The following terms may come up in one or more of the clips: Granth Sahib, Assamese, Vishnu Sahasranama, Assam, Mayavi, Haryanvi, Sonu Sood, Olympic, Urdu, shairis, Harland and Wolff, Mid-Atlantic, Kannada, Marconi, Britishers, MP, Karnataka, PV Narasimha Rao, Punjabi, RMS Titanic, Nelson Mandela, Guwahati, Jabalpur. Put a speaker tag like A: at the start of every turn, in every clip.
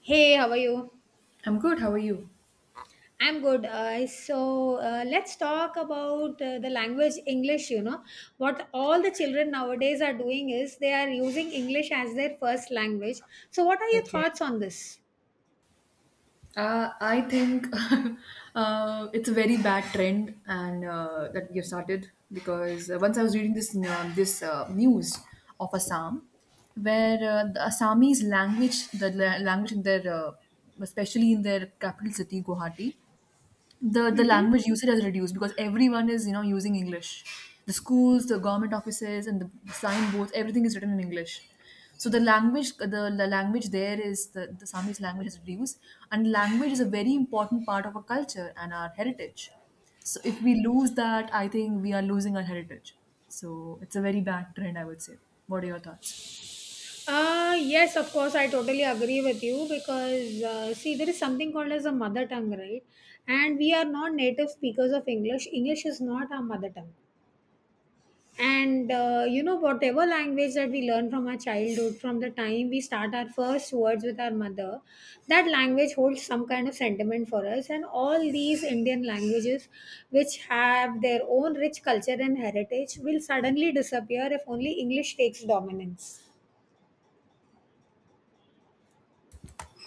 A: Hey, how are you?
B: I'm good. How are you?
A: I'm good. So let's talk about the language English. You know, what all the children nowadays are doing is they are using English as their first language. So, what are your
B: Okay.
A: thoughts on this?
B: I think it's a very bad trend, and that you started because once I was reading this news of Assam, where the Assamese language, language in their, especially in their capital city Guwahati, the
A: Mm-hmm.
B: language usage has reduced because everyone is using english. The schools, the government offices, and the signboards, everything is written in english. So the language, the language there is the Sami's language, has reduced. And language is a very important part of our culture and our heritage, so if we lose that, I think we are losing our heritage. So it's a very bad trend, I would say. What are your thoughts?
A: Yes, of course, I totally agree with you because see, there is something called as a mother tongue, right? And we are not native speakers of English. English is not our mother tongue. And you know whatever language that we learn from our childhood, from the time we start our first words with our mother, that language holds some kind of sentiment for us. And all these Indian languages which have their own rich culture and heritage will suddenly disappear if only English takes dominance.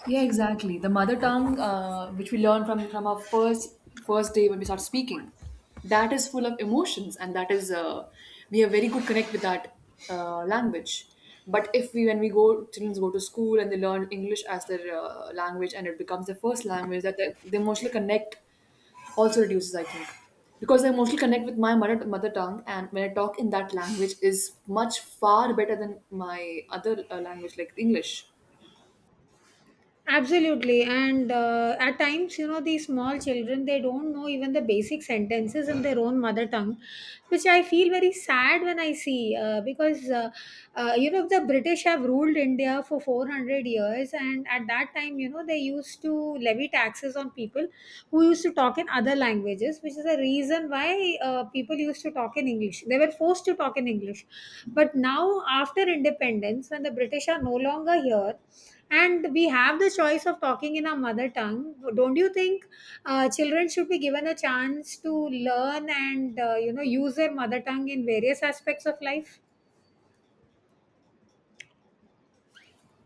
B: Yeah, exactly. The mother tongue, which we learn from our first first day when we start speaking, that is full of emotions, and that is we have very good connect with that language. But if we when we go children go to school and they learn English as their language and it becomes their first language, that the emotional connect also reduces, I think, because I mostly connect with my mother tongue, and when I talk in that language is much far better than my other language like English.
A: Absolutely. And at times, you know, these small children, they don't know even the basic sentences in their own mother tongue, which I feel very sad when I see because, you know, the British have ruled India for 400 years. And at that time, you know, they used to levy taxes on people who used to talk in other languages, which is the reason why people used to talk in English. They were forced to talk in English. But now, after independence, when the British are no longer here, and we have the choice of talking in our mother tongue. Don't you think children should be given a chance to learn and you know use their mother tongue in various aspects of life?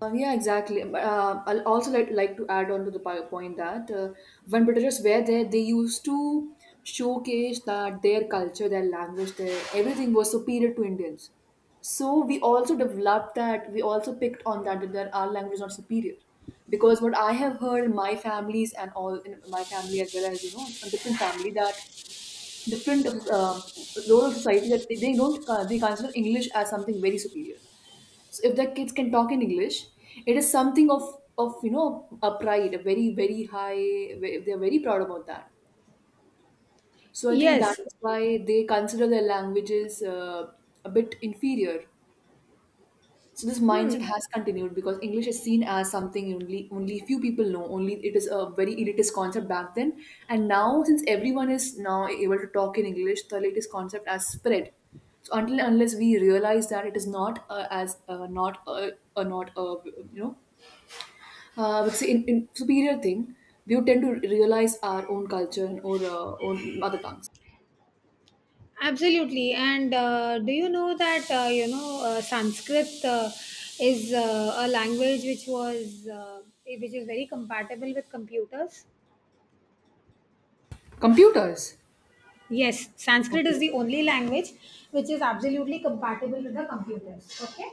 B: Yeah, exactly. I'll also like to add on to the point that when Britishers were there, they used to showcase that their culture, their language, their everything was superior to Indians. So we also developed that. We also picked on that our language is not superior, because what I have heard in my families and all in my family as well as a different family, that different um, role of society, that they don't they consider English as something very superior. So if their kids can talk in english, it is something of a pride, a very very high ve- they're very proud about that. So I think that
A: Yes.
B: is why they consider their languages a bit inferior. So this mindset
A: Hmm.
B: has continued because english is seen as something only few people know only, it is a very elitist concept back then. And now since everyone is now able to talk in english, the elitist concept has spread, so until and unless we realize that it is not as not a, not a, but see, in superior thing, we would tend to realize our own culture and or own mother tongues.
A: Absolutely. And do you know that you know Sanskrit is a language which was which is very compatible with computers?
B: Computers.
A: Yes, Sanskrit is
B: Okay.
A: the only language which is absolutely compatible with the computers. Okay,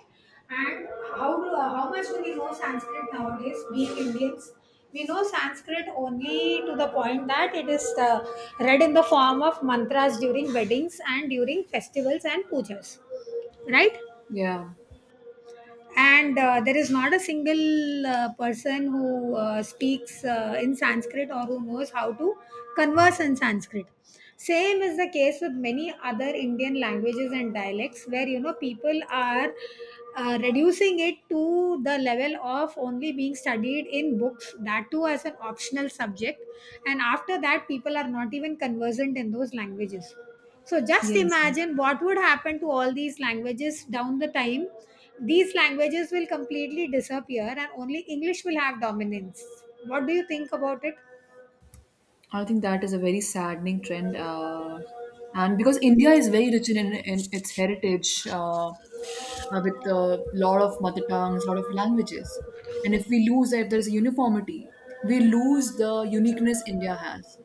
A: and how do how much do we know Sanskrit nowadays? Being Indians, we know Sanskrit only to the point that it is read in the form of mantras during weddings and during festivals and pujas. Right?
B: Yeah.
A: And there is not a single person who speaks in Sanskrit or who knows how to converse in Sanskrit. Same is the case with many other Indian languages and dialects, where you know people are reducing it to the level of only being studied in books, that too as an optional subject. And after that people are not even conversant in those languages. So just
B: Yeah. Exactly.
A: imagine what would happen to all these languages down the time. These languages will completely disappear and only English will have dominance. What do you think about it?
B: I think that is a very saddening trend. And because India is very rich in its heritage, with a lot of mother tongues, lot of languages, and if we lose that, if there's a uniformity, we lose the uniqueness India has.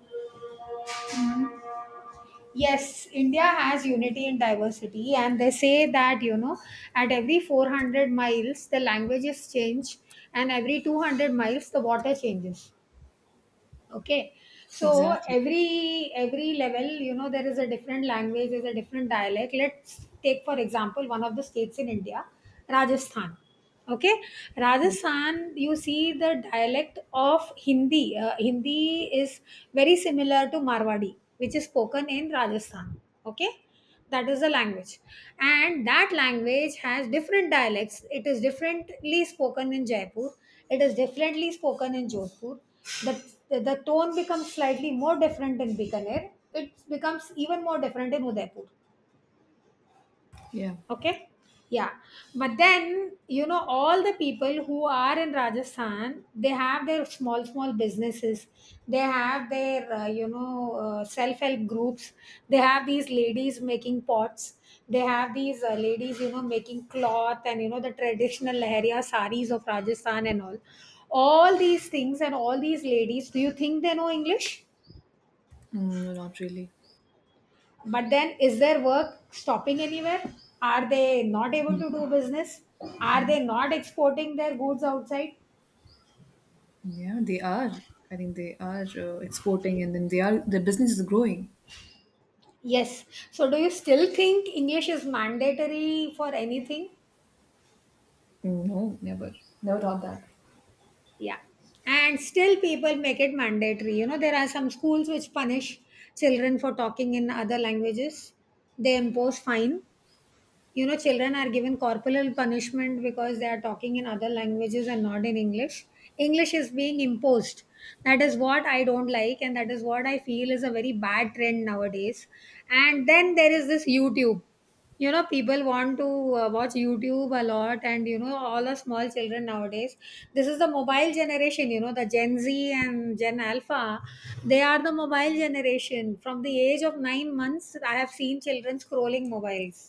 A: Yes, India has unity in diversity, and they say that you know, at every 400 miles, the languages change, and every 200 miles, the water changes. Okay, so
B: Exactly.
A: every level you know there is a different language, there's a different dialect. Let's take for example one of the states in India, Rajasthan. Okay,
B: Yeah.
A: Rajasthan, you see the dialect of Hindi. Hindi is very similar to Marwadi which is spoken in Rajasthan. Okay, that is the language. And that language has different dialects. It is differently spoken in Jaipur, it is differently spoken in Jodhpur. The, the, tone becomes slightly more different in Bikaner, it becomes even more different in Udaipur.
B: Yeah.
A: Okay. Yeah, but then you know all the people who are in Rajasthan, they have their small small businesses. They have their you know self help groups. They have these ladies making pots. They have these ladies you know making cloth, and you know the traditional Leharia saris of Rajasthan and all. All these things and all these ladies. Do you think they know English?
B: Mm, no, not really.
A: But then, is their work stopping anywhere? Are they not able to do business? Are they not exporting their goods outside?
B: Yeah, they are. I think they are exporting, and then they are their business is growing.
A: Yes. So, do you still think English is mandatory for anything?
B: No, never, never thought that.
A: Yeah. And still, people make it mandatory. You know, there are some schools which punish children for talking in other languages, they impose fine. You know children are given corporal punishment because they are talking in other languages and not in English. English is being imposed. That is what I don't like, and that is what I feel is a very bad trend nowadays. And then there is this YouTube, you know people want to watch YouTube a lot. And you know all the small children nowadays, this is the mobile generation, you know the Gen Z and Gen Alpha, they are the mobile generation. From the age of 9 months I have seen children scrolling mobiles,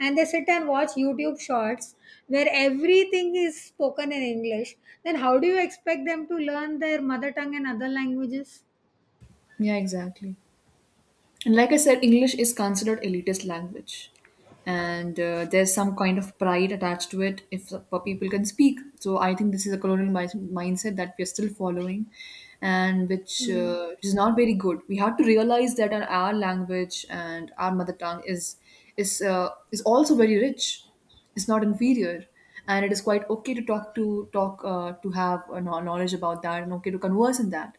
A: and they sit and watch YouTube shorts where everything is spoken in English. Then how do you expect them to learn their mother tongue and other languages?
B: Yeah, exactly. And like I said, English is considered elitist language, and there's some kind of pride attached to it if people can speak. So I think this is a colonial mindset that we are still following, and which is not very good. We have to realize that our language and our mother tongue is is also very rich. It's not inferior. And it is quite okay to talk to have a knowledge about that and okay to converse in that.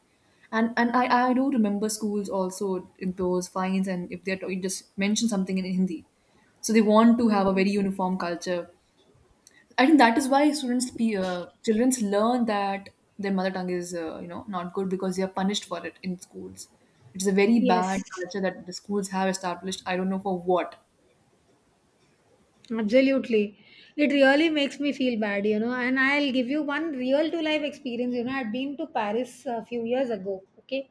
B: And I do remember schools also impose fines, and if they're you just mention something in Hindi, so they want to have a very uniform culture. I think that is why students be children learn that their mother tongue is not good, because they are punished for it in schools. It is a very bad
A: Yes.
B: culture that the schools have established. I don't know for what.
A: Absolutely. It really makes me feel bad, you know. And I'll give you one real to life experience. You know, I'd been to Paris a few years ago, okay?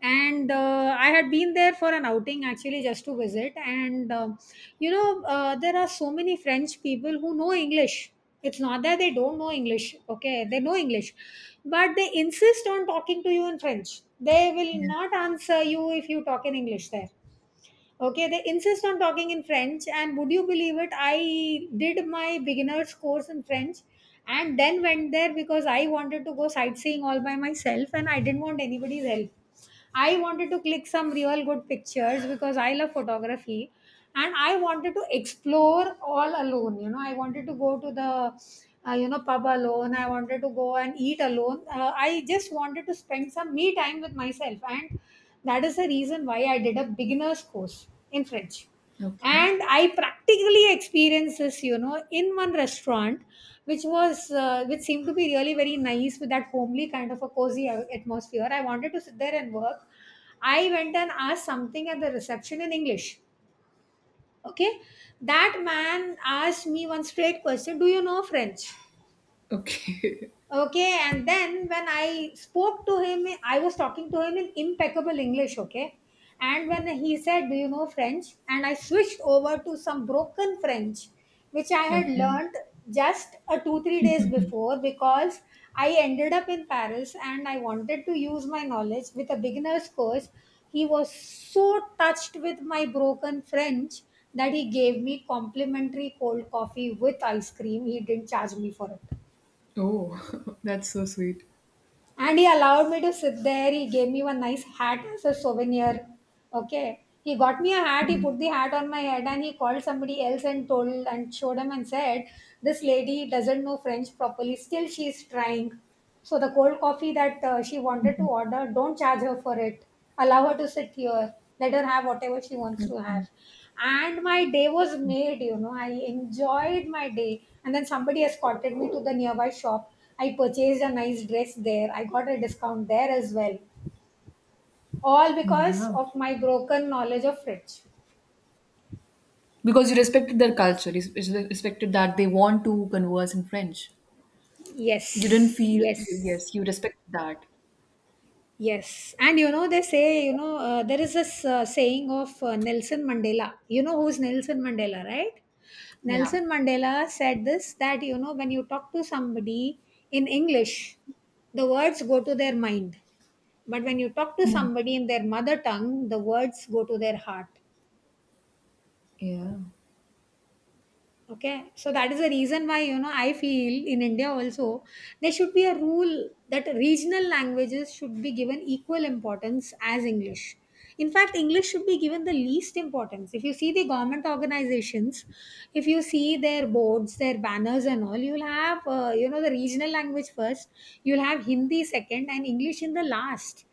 A: And I had been there for an outing actually just to visit. And you know, there are so many French people who know English. It's not that they don't know English, okay? They know English, but they insist on talking to you in French. They will not answer you if you talk in English there. Okay, they insist on talking in French, and would you believe it? I did my beginner's course in French and then went there because I wanted to go sightseeing all by myself and I didn't want anybody's help. I wanted to click some real good pictures because I love photography, and I wanted to explore all alone. You know I wanted to go to the you know pub alone. I wanted to go and eat alone. I just wanted to spend some me time with myself, and that is the reason why I did a beginners course in French.
B: Okay.
A: And I practically experienced this you know in one restaurant which was which seemed to be really very nice with that homely kind of a cozy atmosphere. I wanted to sit there and work. I went and asked something at the reception in English. Okay, that man asked me one straight question, do you know French?
B: Okay.
A: Okay, and then when I spoke to him, I was talking to him in impeccable English, okay? And when he said, do you know French? And I switched over to some broken French, which I had
B: Okay.
A: learnt just a two, 3 days before, because I ended up in Paris and I wanted to use my knowledge with a beginner's course. He was so touched with my broken French that he gave me complimentary cold coffee with ice cream. He didn't charge me for it.
B: Oh, that's so sweet.
A: And he allowed me to sit there, he gave me one nice hat as a souvenir. Okay, he got me a hat, he
B: Mm.
A: put the hat on my head and he called somebody else and told and showed him and said, this lady doesn't know French properly, still she's trying. So the cold coffee that she wanted to order, don't charge her for it. Allow her to sit here, let her have whatever she wants to have. And my day was made, you know I enjoyed my day. And then somebody escorted me to the nearby shop. I purchased a nice dress there, I got a discount there as well. All because
B: Wow.
A: of my broken knowledge of French.
B: Because you respected their culture, you respected that they want to converse in French. You didn't
A: Yes,
B: feel,
A: yes.
B: yes, you respected that.
A: Yes, and you know they say you know there is this saying of Nelson Mandela. You know who's Nelson Mandela, right?
B: Yeah.
A: Nelson Mandela said this that you know when you talk to somebody in English, the words go to their mind, but when you talk to
B: Mm.
A: somebody in their mother tongue, the words go to their heart.
B: Yeah.
A: Okay, so that is the reason why you know I feel in India also there should be a rule that regional languages should be given equal importance as English. In fact, English should be given the least importance. If you see the government organizations, if you see their boards, their banners and all, you'll have you know the regional language first, you'll have Hindi second and English in the last.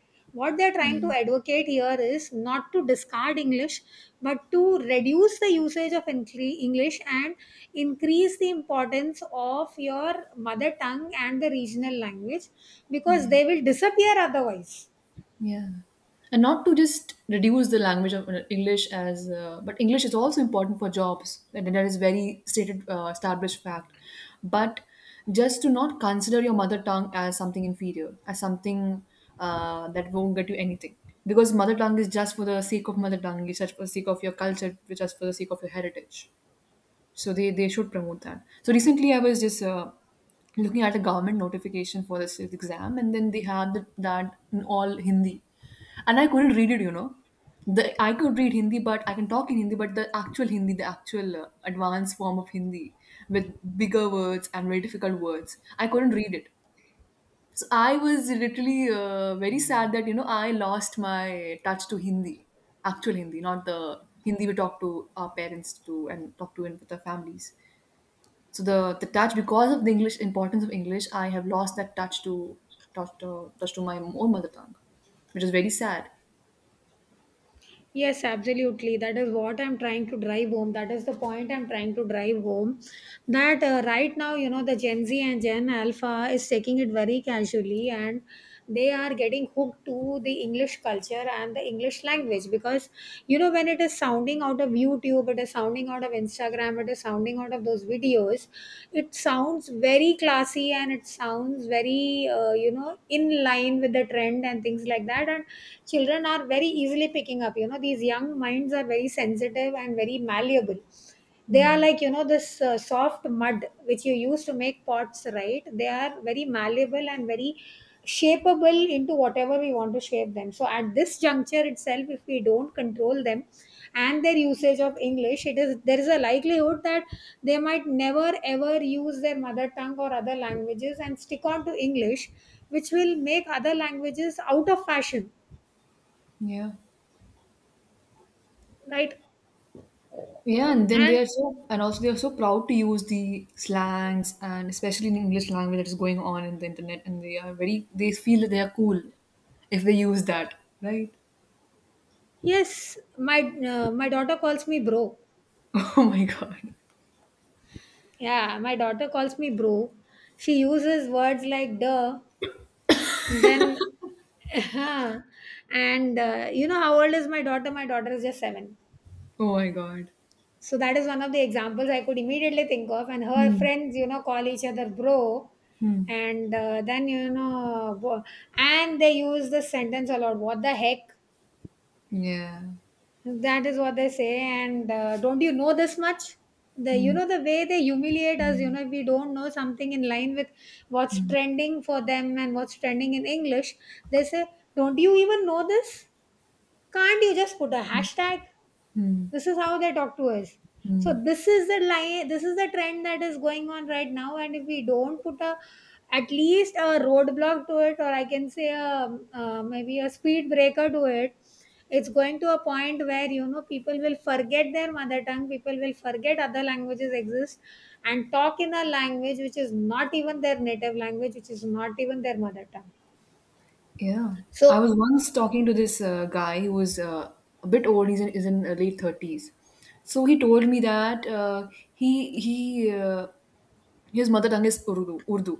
A: What they're trying to
B: Yeah.
A: advocate here is not to discard English, but to reduce the usage of English and increase the importance of your mother tongue and the regional language, because
B: Yeah.
A: they will disappear otherwise.
B: Yeah, and not to just reduce the language of English as, but English is also important for jobs, and that is very stated, established fact. But just to not consider your mother tongue as something inferior, as something that won't get you anything, because mother tongue is just for the sake of mother tongue, it's just for the sake of your culture, it's just for the sake of your heritage. So they should promote that. So recently, I was just looking at a government notification for this exam, and then they had that in all Hindi, and I couldn't read it. You know, the I could read Hindi, but I can talk in Hindi, but the actual Hindi, the actual advanced form of Hindi with bigger words and very difficult words, I couldn't read it. So I was literally very sad that I lost my touch to Hindi, actual Hindi, not the Hindi we talk to our parents to and talk to in with our families. So the touch because of the English importance of English, I have lost that touch to my own mother tongue, which is very sad.
A: Yes, absolutely. That is what I'm trying to drive home. That is the point I'm trying to drive home. That right now, you know, the Gen Z and Gen Alpha is taking it very casually, and they are getting hooked to the English culture and the English language because, you know, when it is sounding out of YouTube, it is sounding out of Instagram, it is sounding out of those videos. It sounds very classy, and it sounds very, you know, in line with the trend and things like that. And children are very easily picking up, you know, these young minds are very sensitive and very malleable. They are
B: Yeah,
A: like, you know, this soft mud which you use to make pots, right? They are very malleable and very shapeable into whatever we want to shape them. So at this juncture itself, if we don't control them and their usage of English, it is there is a likelihood that they might never ever use their mother tongue or other languages and stick on to English, which will make other languages out of fashion,
B: yeah,
A: right?
B: yeah. And then they
A: And
B: are so, and also they are so proud to use the slangs and especially in English language that is going on in the internet, and they are very, they feel that they are cool if they use that, right?
A: yes, my my daughter calls me bro.
B: Oh my god.
A: Yeah, my daughter calls me bro. She uses words like duh, and then, uh and you know, how old is my daughter? My daughter is just 7.
B: Oh my god.
A: So that is one of the examples I could immediately think of. And her
B: Hmm.
A: friends, you know, call each other bro,
B: Hmm.
A: and then you know, and they use the sentence a lot. What the heck?
B: Yeah.
A: That is what they say. And don't you know this much? The, you
B: Hmm.
A: know, the way they humiliate us. You know, if we don't know something in line with what's
B: Hmm.
A: trending for them and what's trending in English, they say, "Don't you even know this? Can't you just put a hashtag?"
B: Hmm.
A: This is how they talk to us. So
B: Hmm.
A: this is the line. This is the trend that is going on right now. And if we don't put a at least a roadblock to it, or I can say a, maybe a speed breaker to it, it's going to a point where, you know, people will forget their mother tongue. People will forget other languages exist, and talk in a language which is not even their native language, which is not even their mother tongue.
B: Yeah. I was
A: So
B: once talking to this guy who was a bit old. Is in late 30s. So he told me that he his mother tongue is Urdu,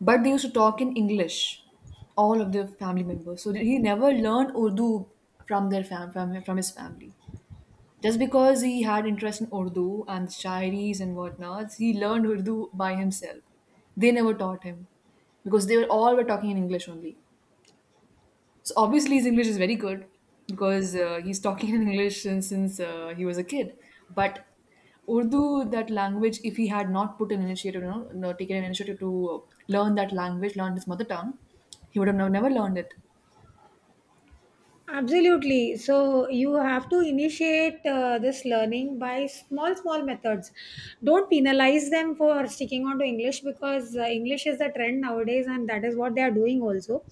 B: but they used to talk in English, all of the family members. So he never learned Urdu from his family. Just because he had interest in Urdu and shairis and whatnots, he learned Urdu by himself. They never taught him because they were all were talking in English only. So obviously his English is very good because he's talking in English since he was a kid. But Urdu, that language, if he had not put an initiative, you know, no, taken an initiative to learn that language, learn his mother tongue, he would have never learned it.
A: absolutely. So you have to initiate this learning by small, small methods. Don't penalize them for sticking on to English because English is the trend nowadays, and that is what they are doing also.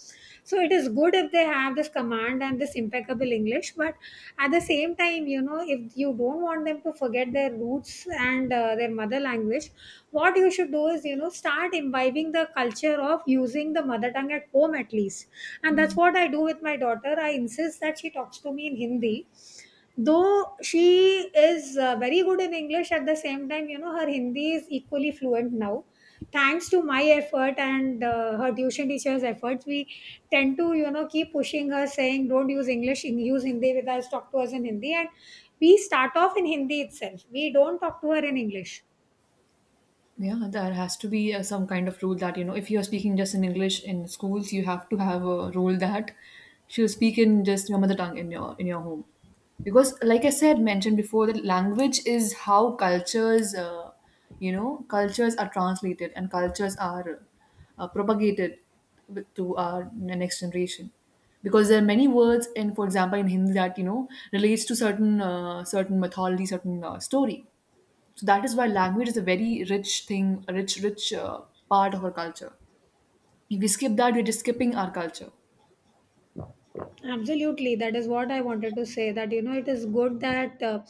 A: So it is good if they have this command and this impeccable English, but at the same time, you know, if you don't want them to forget their roots and their mother language, what you should do is, you know, start imbibing the culture of using the mother tongue at home at least. And
B: Yeah.
A: that's what I do with my daughter. I insist that she talks to me in Hindi, though she is very good in English. At the same time, you know, her Hindi is equally fluent now, thanks to my effort and her tuition teacher's efforts. We tend to, you know, keep pushing her, saying don't use English, use Hindi with us, talk to us in Hindi. And we start off in Hindi itself, we don't talk to her in English.
B: Yeah, there has to be some kind of rule that, you know, if you're speaking just in English in schools, you have to have a rule that she'll speak in just your mother tongue in your home. Because like I said, mentioned before, that language is how cultures, you know, cultures are translated and cultures are propagated to our next generation. Because there are many words in, for example, in Hindi that, you know, relates to certain certain mythology, certain story, so that is why language is a very rich thing, a rich, rich part of our culture. If we skip that, we're just skipping our culture.
A: Absolutely, that is what I wanted to say. That, you know, it is good that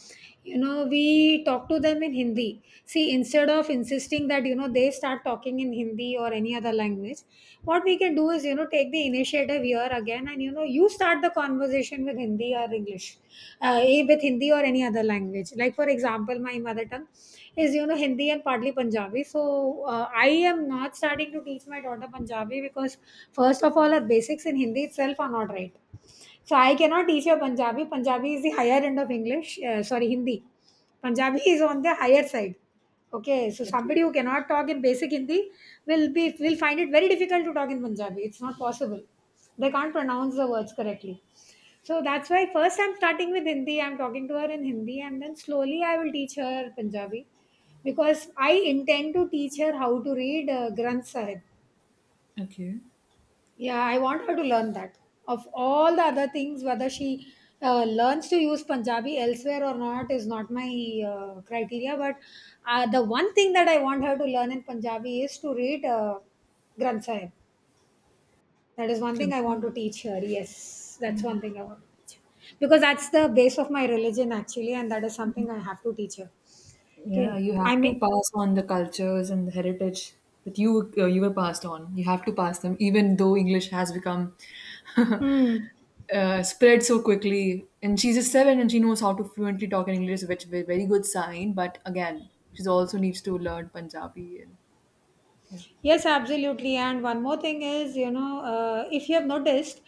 A: you know, we talk to them in Hindi. See, instead of insisting that, you know, they start talking in Hindi or any other language, what we can do is, you know, take the initiative here again, and you know, you start the conversation with Hindi or English, with Hindi or any other language. Like for example, my mother tongue is, you know, Hindi and partly Punjabi. So I am not starting to teach my daughter Punjabi because first of all, her basics in Hindi itself are not right, so I cannot teach you Punjabi. Punjabi is the higher end of English. Sorry, Hindi. Punjabi is on the higher side. Okay, so somebody who
B: Okay.
A: cannot talk in basic Hindi will be will find it very difficult to talk in Punjabi. It's not possible. They can't pronounce the words correctly. So that's why first I'm starting with Hindi. I'm talking to her in Hindi, and then slowly I will teach her Punjabi, because I intend to teach her how to read Granth Sahib.
B: Okay.
A: Yeah, I want her to learn that. Of all the other things, whether she learns to use Punjabi elsewhere or not is not my criteria. But the one thing that I want her to learn in Punjabi is to read Granth Sahib. That is one thing I want
B: Okay.
A: to teach her. Yes, that's
B: Yeah.
A: one thing I want to teach her. Because that's the base of my religion, actually, and that is something I have to teach her.
B: Yeah,
A: Okay,
B: you have
A: I
B: to
A: may.
B: pass on the cultures and the heritage that you you were passed on. You have to pass them, even though English has become
A: Hmm.
B: spread so quickly. And she's a seven, and she knows how to fluently talk in English, which is a very good sign. But again, she also needs to learn Punjabi and yeah,
A: Yes, absolutely. And one more thing is, you know, if you have noticed,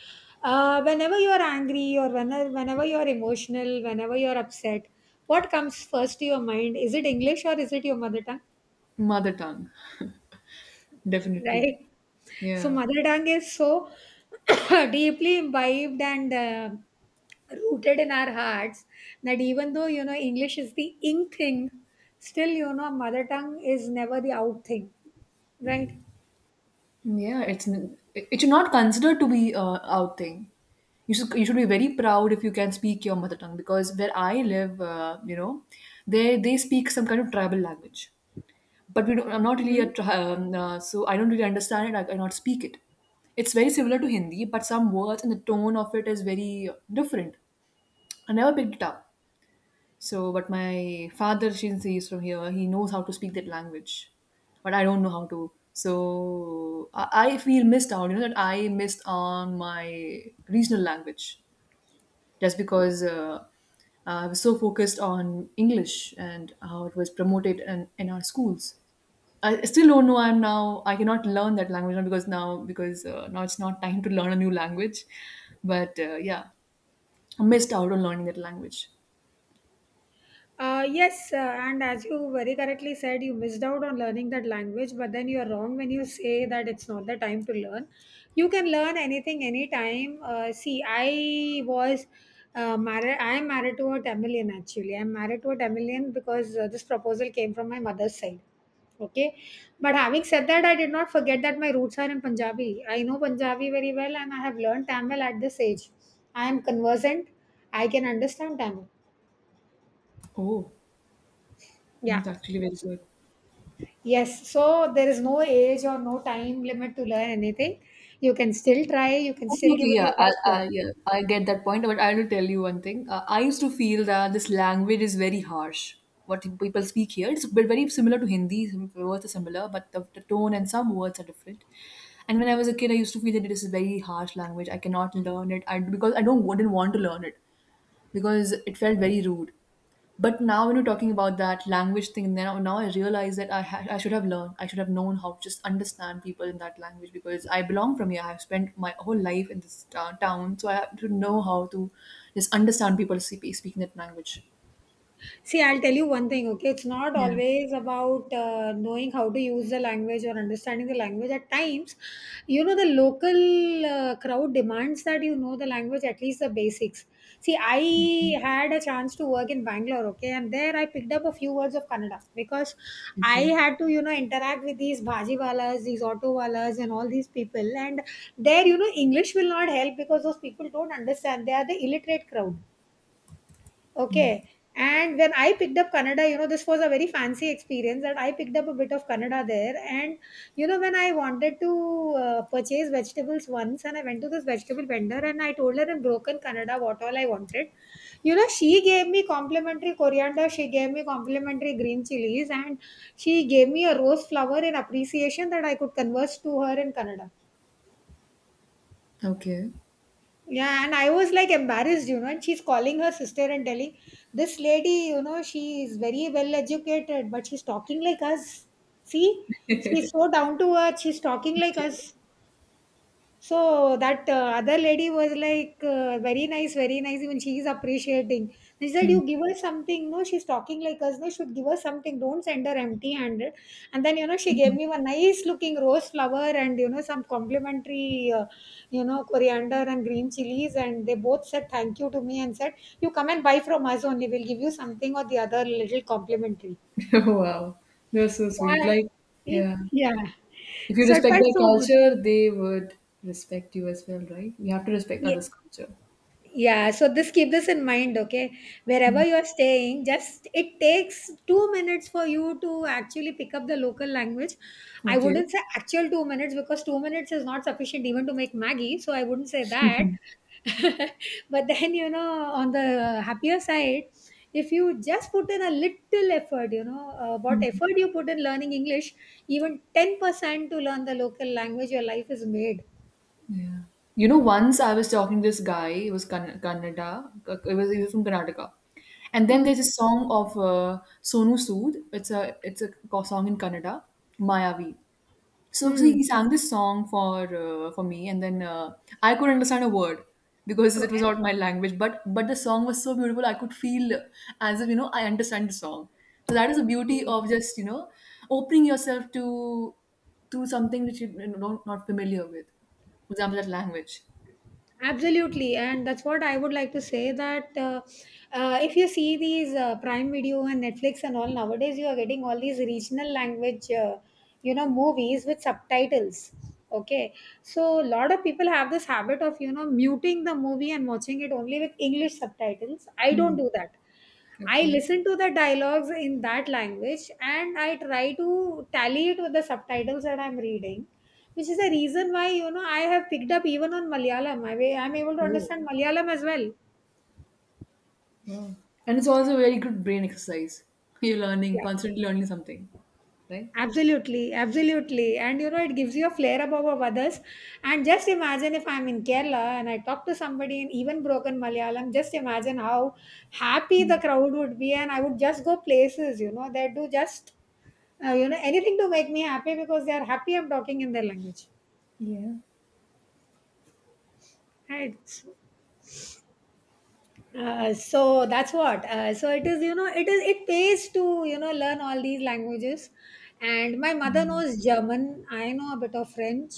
A: whenever you are angry or whenever you are emotional, whenever you are upset, what comes first to your mind? Is it English or is it your mother tongue?
B: mother tongue, definitely.
A: Right. So
B: Yeah,
A: mother tongue is so deeply imbibed and rooted in our hearts, that even though, you know, English is the in thing, still, you know, mother tongue is never the out thing, right?
B: yeah. It's it it should not considered to be a out thing. You should be very proud if you can speak your mother tongue, because where I live, you know, they speak some kind of tribal language. But we don't, I'm not really a
A: Hmm.
B: so I don't really understand it. I cannot speak it. It's very similar to Hindi, but some words and the tone of it is very different. I never picked it up. So, but my father, since he's from here, he knows how to speak that language, but I don't know how to. So I feel missed out. You know that I missed on my regional language just because I was so focused on English and how it was promoted in our schools. I still don't know. I'm now. I cannot learn that language now, because now it's not time to learn a new language. But yeah, I missed out on learning that language.
A: Yes, and as you very correctly said, you missed out on learning that language, but then you are wrong when you say that it's not the time to learn. You can learn anything anytime. See, I was I am married to a Tamilian actually. I'm married to a Tamilian because this proposal came from my mother's side. Okay, but having said that, I did not forget that my roots are in Punjabi. I know Punjabi very well, and I have learned Tamil at this age. I am conversant, I can understand Tamil.
B: Oh,
A: Yeah.
B: that's actually very good.
A: Yes, so there is no age or no time limit to learn anything. You can still try, you can
B: Okay,
A: still give
B: okay,
A: it
B: yeah,
A: your best shot.
B: yeah, I get that point, but I want to tell you one thing. I used to feel that this language is very harsh. What people speak here, it's very similar to Hindi. Some words are similar, but the tone and some words are different. And when I was a kid, I used to feel that it is a very harsh language. I cannot learn it. I because I don't wouldn't want to learn it because it felt very rude. But now when you're talking about that language thing, now I realize that I should have learned. I should have known how to just understand people in that language because I belong from here. I've spent my whole life in this town, so I have to know how to just understand people speaking that language.
A: See, I'll tell you one thing, okay? It's not
B: Yeah.
A: always about knowing how to use the language or understanding the language. At times, you know, the local crowd demands that you know the language, at least the basics. See,
B: Okay.
A: I had a chance to work in Bangalore, okay? And there I picked up a few words of Kannada, because I
B: Okay.
A: had to, you know, interact with these bhajiwalas, these autowalas, and all these people. And there, you know, English will not help because those people don't understand. They are the illiterate crowd.
B: Yeah.
A: Okay. And when I picked up Kannada, you know, this was a very fancy experience that I picked up a bit of Kannada there. And, you know, when I wanted to purchase vegetables once, and I went to this vegetable vendor and I told her in broken Kannada what all I wanted. You know, she gave me complimentary coriander, she gave me complimentary green chilies, and she gave me a rose flower in appreciation that I could converse to her in Kannada.
B: Okay.
A: Yeah, and I was like embarrassed, you know. And she's calling her sister and telling this lady, you know, she is very well educated, but she's talking like us. See, she's so down to earth. She's talking like
B: Okay.
A: us. So, that other lady was like, very nice, very nice. Even she is appreciating. She said,
B: Hmm.
A: "You give her something. No, she's talking like us. No, should give her something. Don't send her empty handed." And then, you know, she gave me one nice looking rose flower and, you know, some complimentary, you know, coriander and green chilies. And they both said thank you to me and said, "You come and buy from us only. We'll give you something or the other little complimentary."
B: Wow, you're so
A: So
B: sweet. Like, yeah,
A: yeah.
B: if you
A: So it
B: respect
A: felt
B: their
A: so good.
B: culture, they would respect you as well, right? You have to respect others' culture.
A: Yeah, so this keep this in mind, okay? Wherever you're staying, just it takes 2 minutes for you to actually pick up the local language. I
B: Okay.
A: wouldn't say actual 2 minutes because 2 minutes is not sufficient even to make Maggie, so I wouldn't say that. But then, you know, on the happier side, if you just put in a little effort, you know, what effort you put in learning English, even 10% to learn the local language, your life is made.
B: Yeah. You know, once I was talking to this guy, he was Kannada, it was, he was from Karnataka. And then
A: Mm.
B: there's a song of Sonu Sood. It's a song in Kannada, Mayavi. So
A: Mm.
B: he sang this song for me, and then I couldn't understand a word because it was
A: Okay.
B: not my language. But the song was so beautiful, I could feel as if, you know, I understand the song. So that is the beauty of just, you know, opening yourself to something that you know, don't not familiar with. For example, that language.
A: Absolutely, and that's what I would like to say that if you see these Prime Video and Netflix and all nowadays, you are getting all these regional language, you know, movies with subtitles. Okay, so a lot of people have this habit of, you know, muting the movie and watching it only with English subtitles. I don't
B: Hmm.
A: do that. I
B: Okay.
A: listen to the dialogues in that language and I try to tally it with the subtitles that I'm reading, which is the reason why, you know, I have picked up even on Malayalam. I'm able to
B: Oh,
A: understand Malayalam as well.
B: wow. And it's also a very good brain exercise. You're learning constantly learning something, right?
A: Absolutely, absolutely. And you know, it gives you a flair above of others. And just imagine if I'm in Kerala and I talk to somebody in even broken Malayalam, just imagine how happy the
B: Mm.
A: crowd would be. And I would just go places, you know, they do just, you know, anything to make me happy because they are happy I'm talking in their language.
B: Yeah.
A: Right. So that's what it is, you know, it pays to, you know, learn all these languages. And my mother
B: Mm.
A: knows German, I know a bit of French.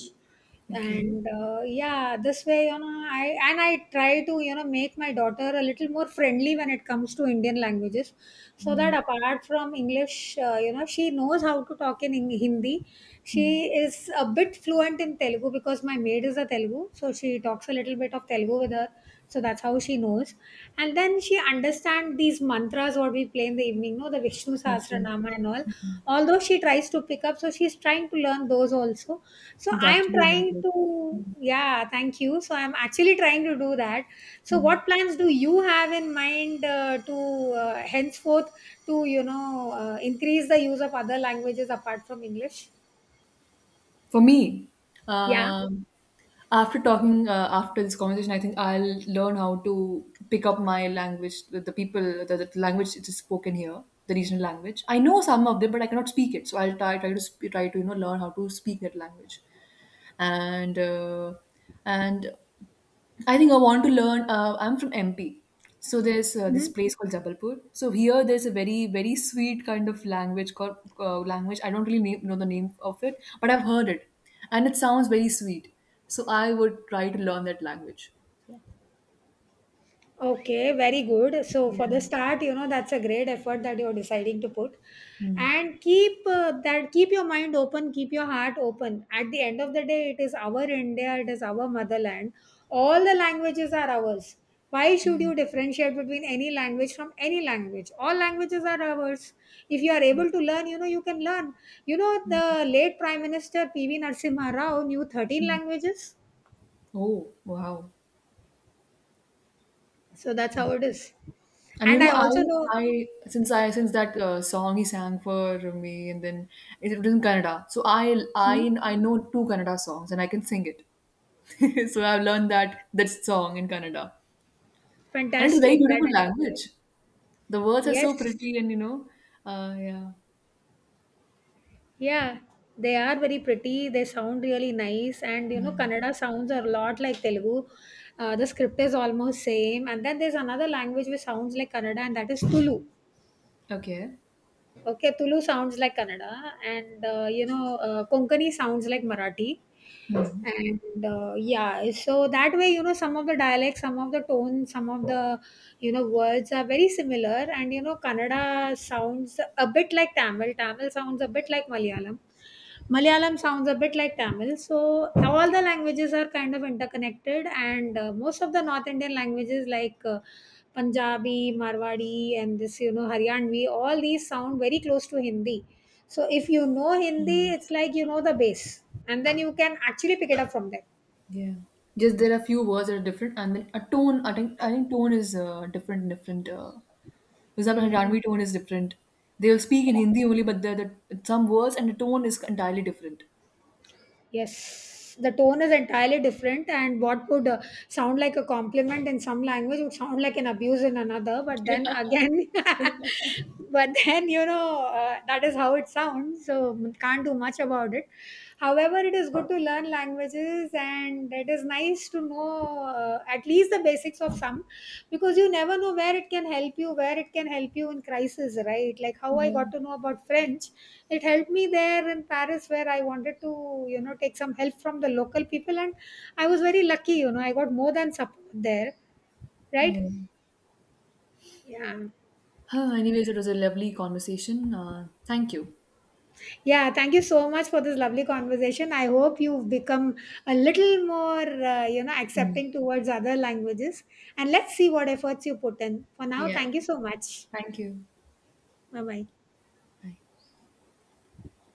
B: Okay.
A: And Yeah, this way, you know, I try to, you know, make my daughter a little more friendly when it comes to Indian languages, so that
B: Mm.
A: apart from English, you know, she knows how to talk in Hindi. She
B: Mm.
A: is a bit fluent in Telugu because my maid is a Telugu, so she talks a little bit of Telugu with her. So that's how she knows. And then she understand these mantras what we play in the evening, no, the Vishnu
B: Okay.
A: Sahasranama and all. Although she tries to pick up, so she's trying to learn those also. So
B: It's
A: I am
B: actually very
A: trying
B: good.
A: to, yeah, thank you. So I'm actually trying to do that. So
B: Mm.
A: what plans do you have in mind, to henceforth to, you know, increase the use of other languages apart from English?
B: For me,
A: Yeah.
B: um, after after this conversation, I think I'll learn how to pick up my language, the people, the language it is spoken here, the regional language. I know some of them, but I cannot speak it. So I'll try to, you know, learn how to speak that language, and uh, and I think I want to learn. I'm from MP, so there's this
A: Mhm.
B: place called Jabalpur. So here, there's a very very sweet kind of language called language. I don't really know the name of it, but I've heard it, and it sounds very sweet. So I would try to learn that language. Yeah.
A: Okay, very good. So
B: Yeah.
A: for the start, you know, that's a great effort that you're deciding to put.
B: Mm.
A: And keep your mind open, keep your heart open. At the end of the day, it is our India, it is our motherland. All the languages are ours. Why should
B: Yeah.
A: you differentiate between any language from any language? All languages are ours. If you are able to learn, you know, you can learn. You know, the late Prime Minister PV Narasimha Rao knew 13
B: Mm.
A: languages.
B: Oh wow.
A: So that's how it is.
B: And you
A: And
B: know,
A: I also know.
B: I I since that song he sang for me, and then it was in Kannada. So I
A: Hmm?
B: I I know two Kannada songs, and I can sing it. So I've learned that song in Kannada, and it's a very
A: Fantastic. That
B: beautiful
A: is amazing.
B: language. The words are so
A: Yes.
B: pretty, and you know, yeah.
A: Yeah. They are very pretty. They sound really nice. And you know,
B: Mm.
A: Kannada sounds are a lot like Telugu. The script is almost same. And then there's another language which sounds like Kannada, and that is Tulu.
B: Okay.
A: Okay, Tulu sounds like Kannada, and you know, Konkani sounds like Marathi.
B: Hmm.
A: And yeah, so that way, you know, some of the dialects, some of the tones, some of the, you know, words are very similar. And you know, Kannada sounds a bit like Tamil, Tamil sounds a bit like Malayalam, Malayalam sounds a bit like Tamil. So all the languages are kind of interconnected. And Most of the North Indian languages, like Punjabi, Marwadi, and this, you know, Haryanvi, all these sound very close to Hindi. So if you know Hindi, it's like, you know, the base, and then you can actually pick it up from there.
B: Yeah. Just there are few words that are different, and then a tone. I think tone is different. Because that
A: Mm.
B: Haryanvi tone is different. They will speak in Hindi only, but the some words and the tone is entirely different.
A: Yes, the tone is entirely different, and what would sound like a compliment in some language would sound like an abuse in another. But then
B: Yeah.
A: again, but then, you know, that is how it sounds. So can't do much about it. However, it is good to learn languages, and it is nice to know, at least the basics of some, because you never know where it can help you, where it can help you in crisis, right? Like how I got
B: Yeah.
A: to know about French. It helped me there in Paris where I wanted to, you know, take some help from the local people, and I was very lucky, you know, I got more than support there, right?
B: Yeah.
A: Yeah.
B: Huh, anyways, it was a lovely conversation. Thank you.
A: Yeah, thank you so much for this lovely conversation. I hope you've become a little more, you know,
B: Mm.
A: accepting towards other languages, and let's see what efforts you put in. For now,
B: Yeah.
A: thank you so much.
B: Thank you.
A: Bye bye.
B: Bye.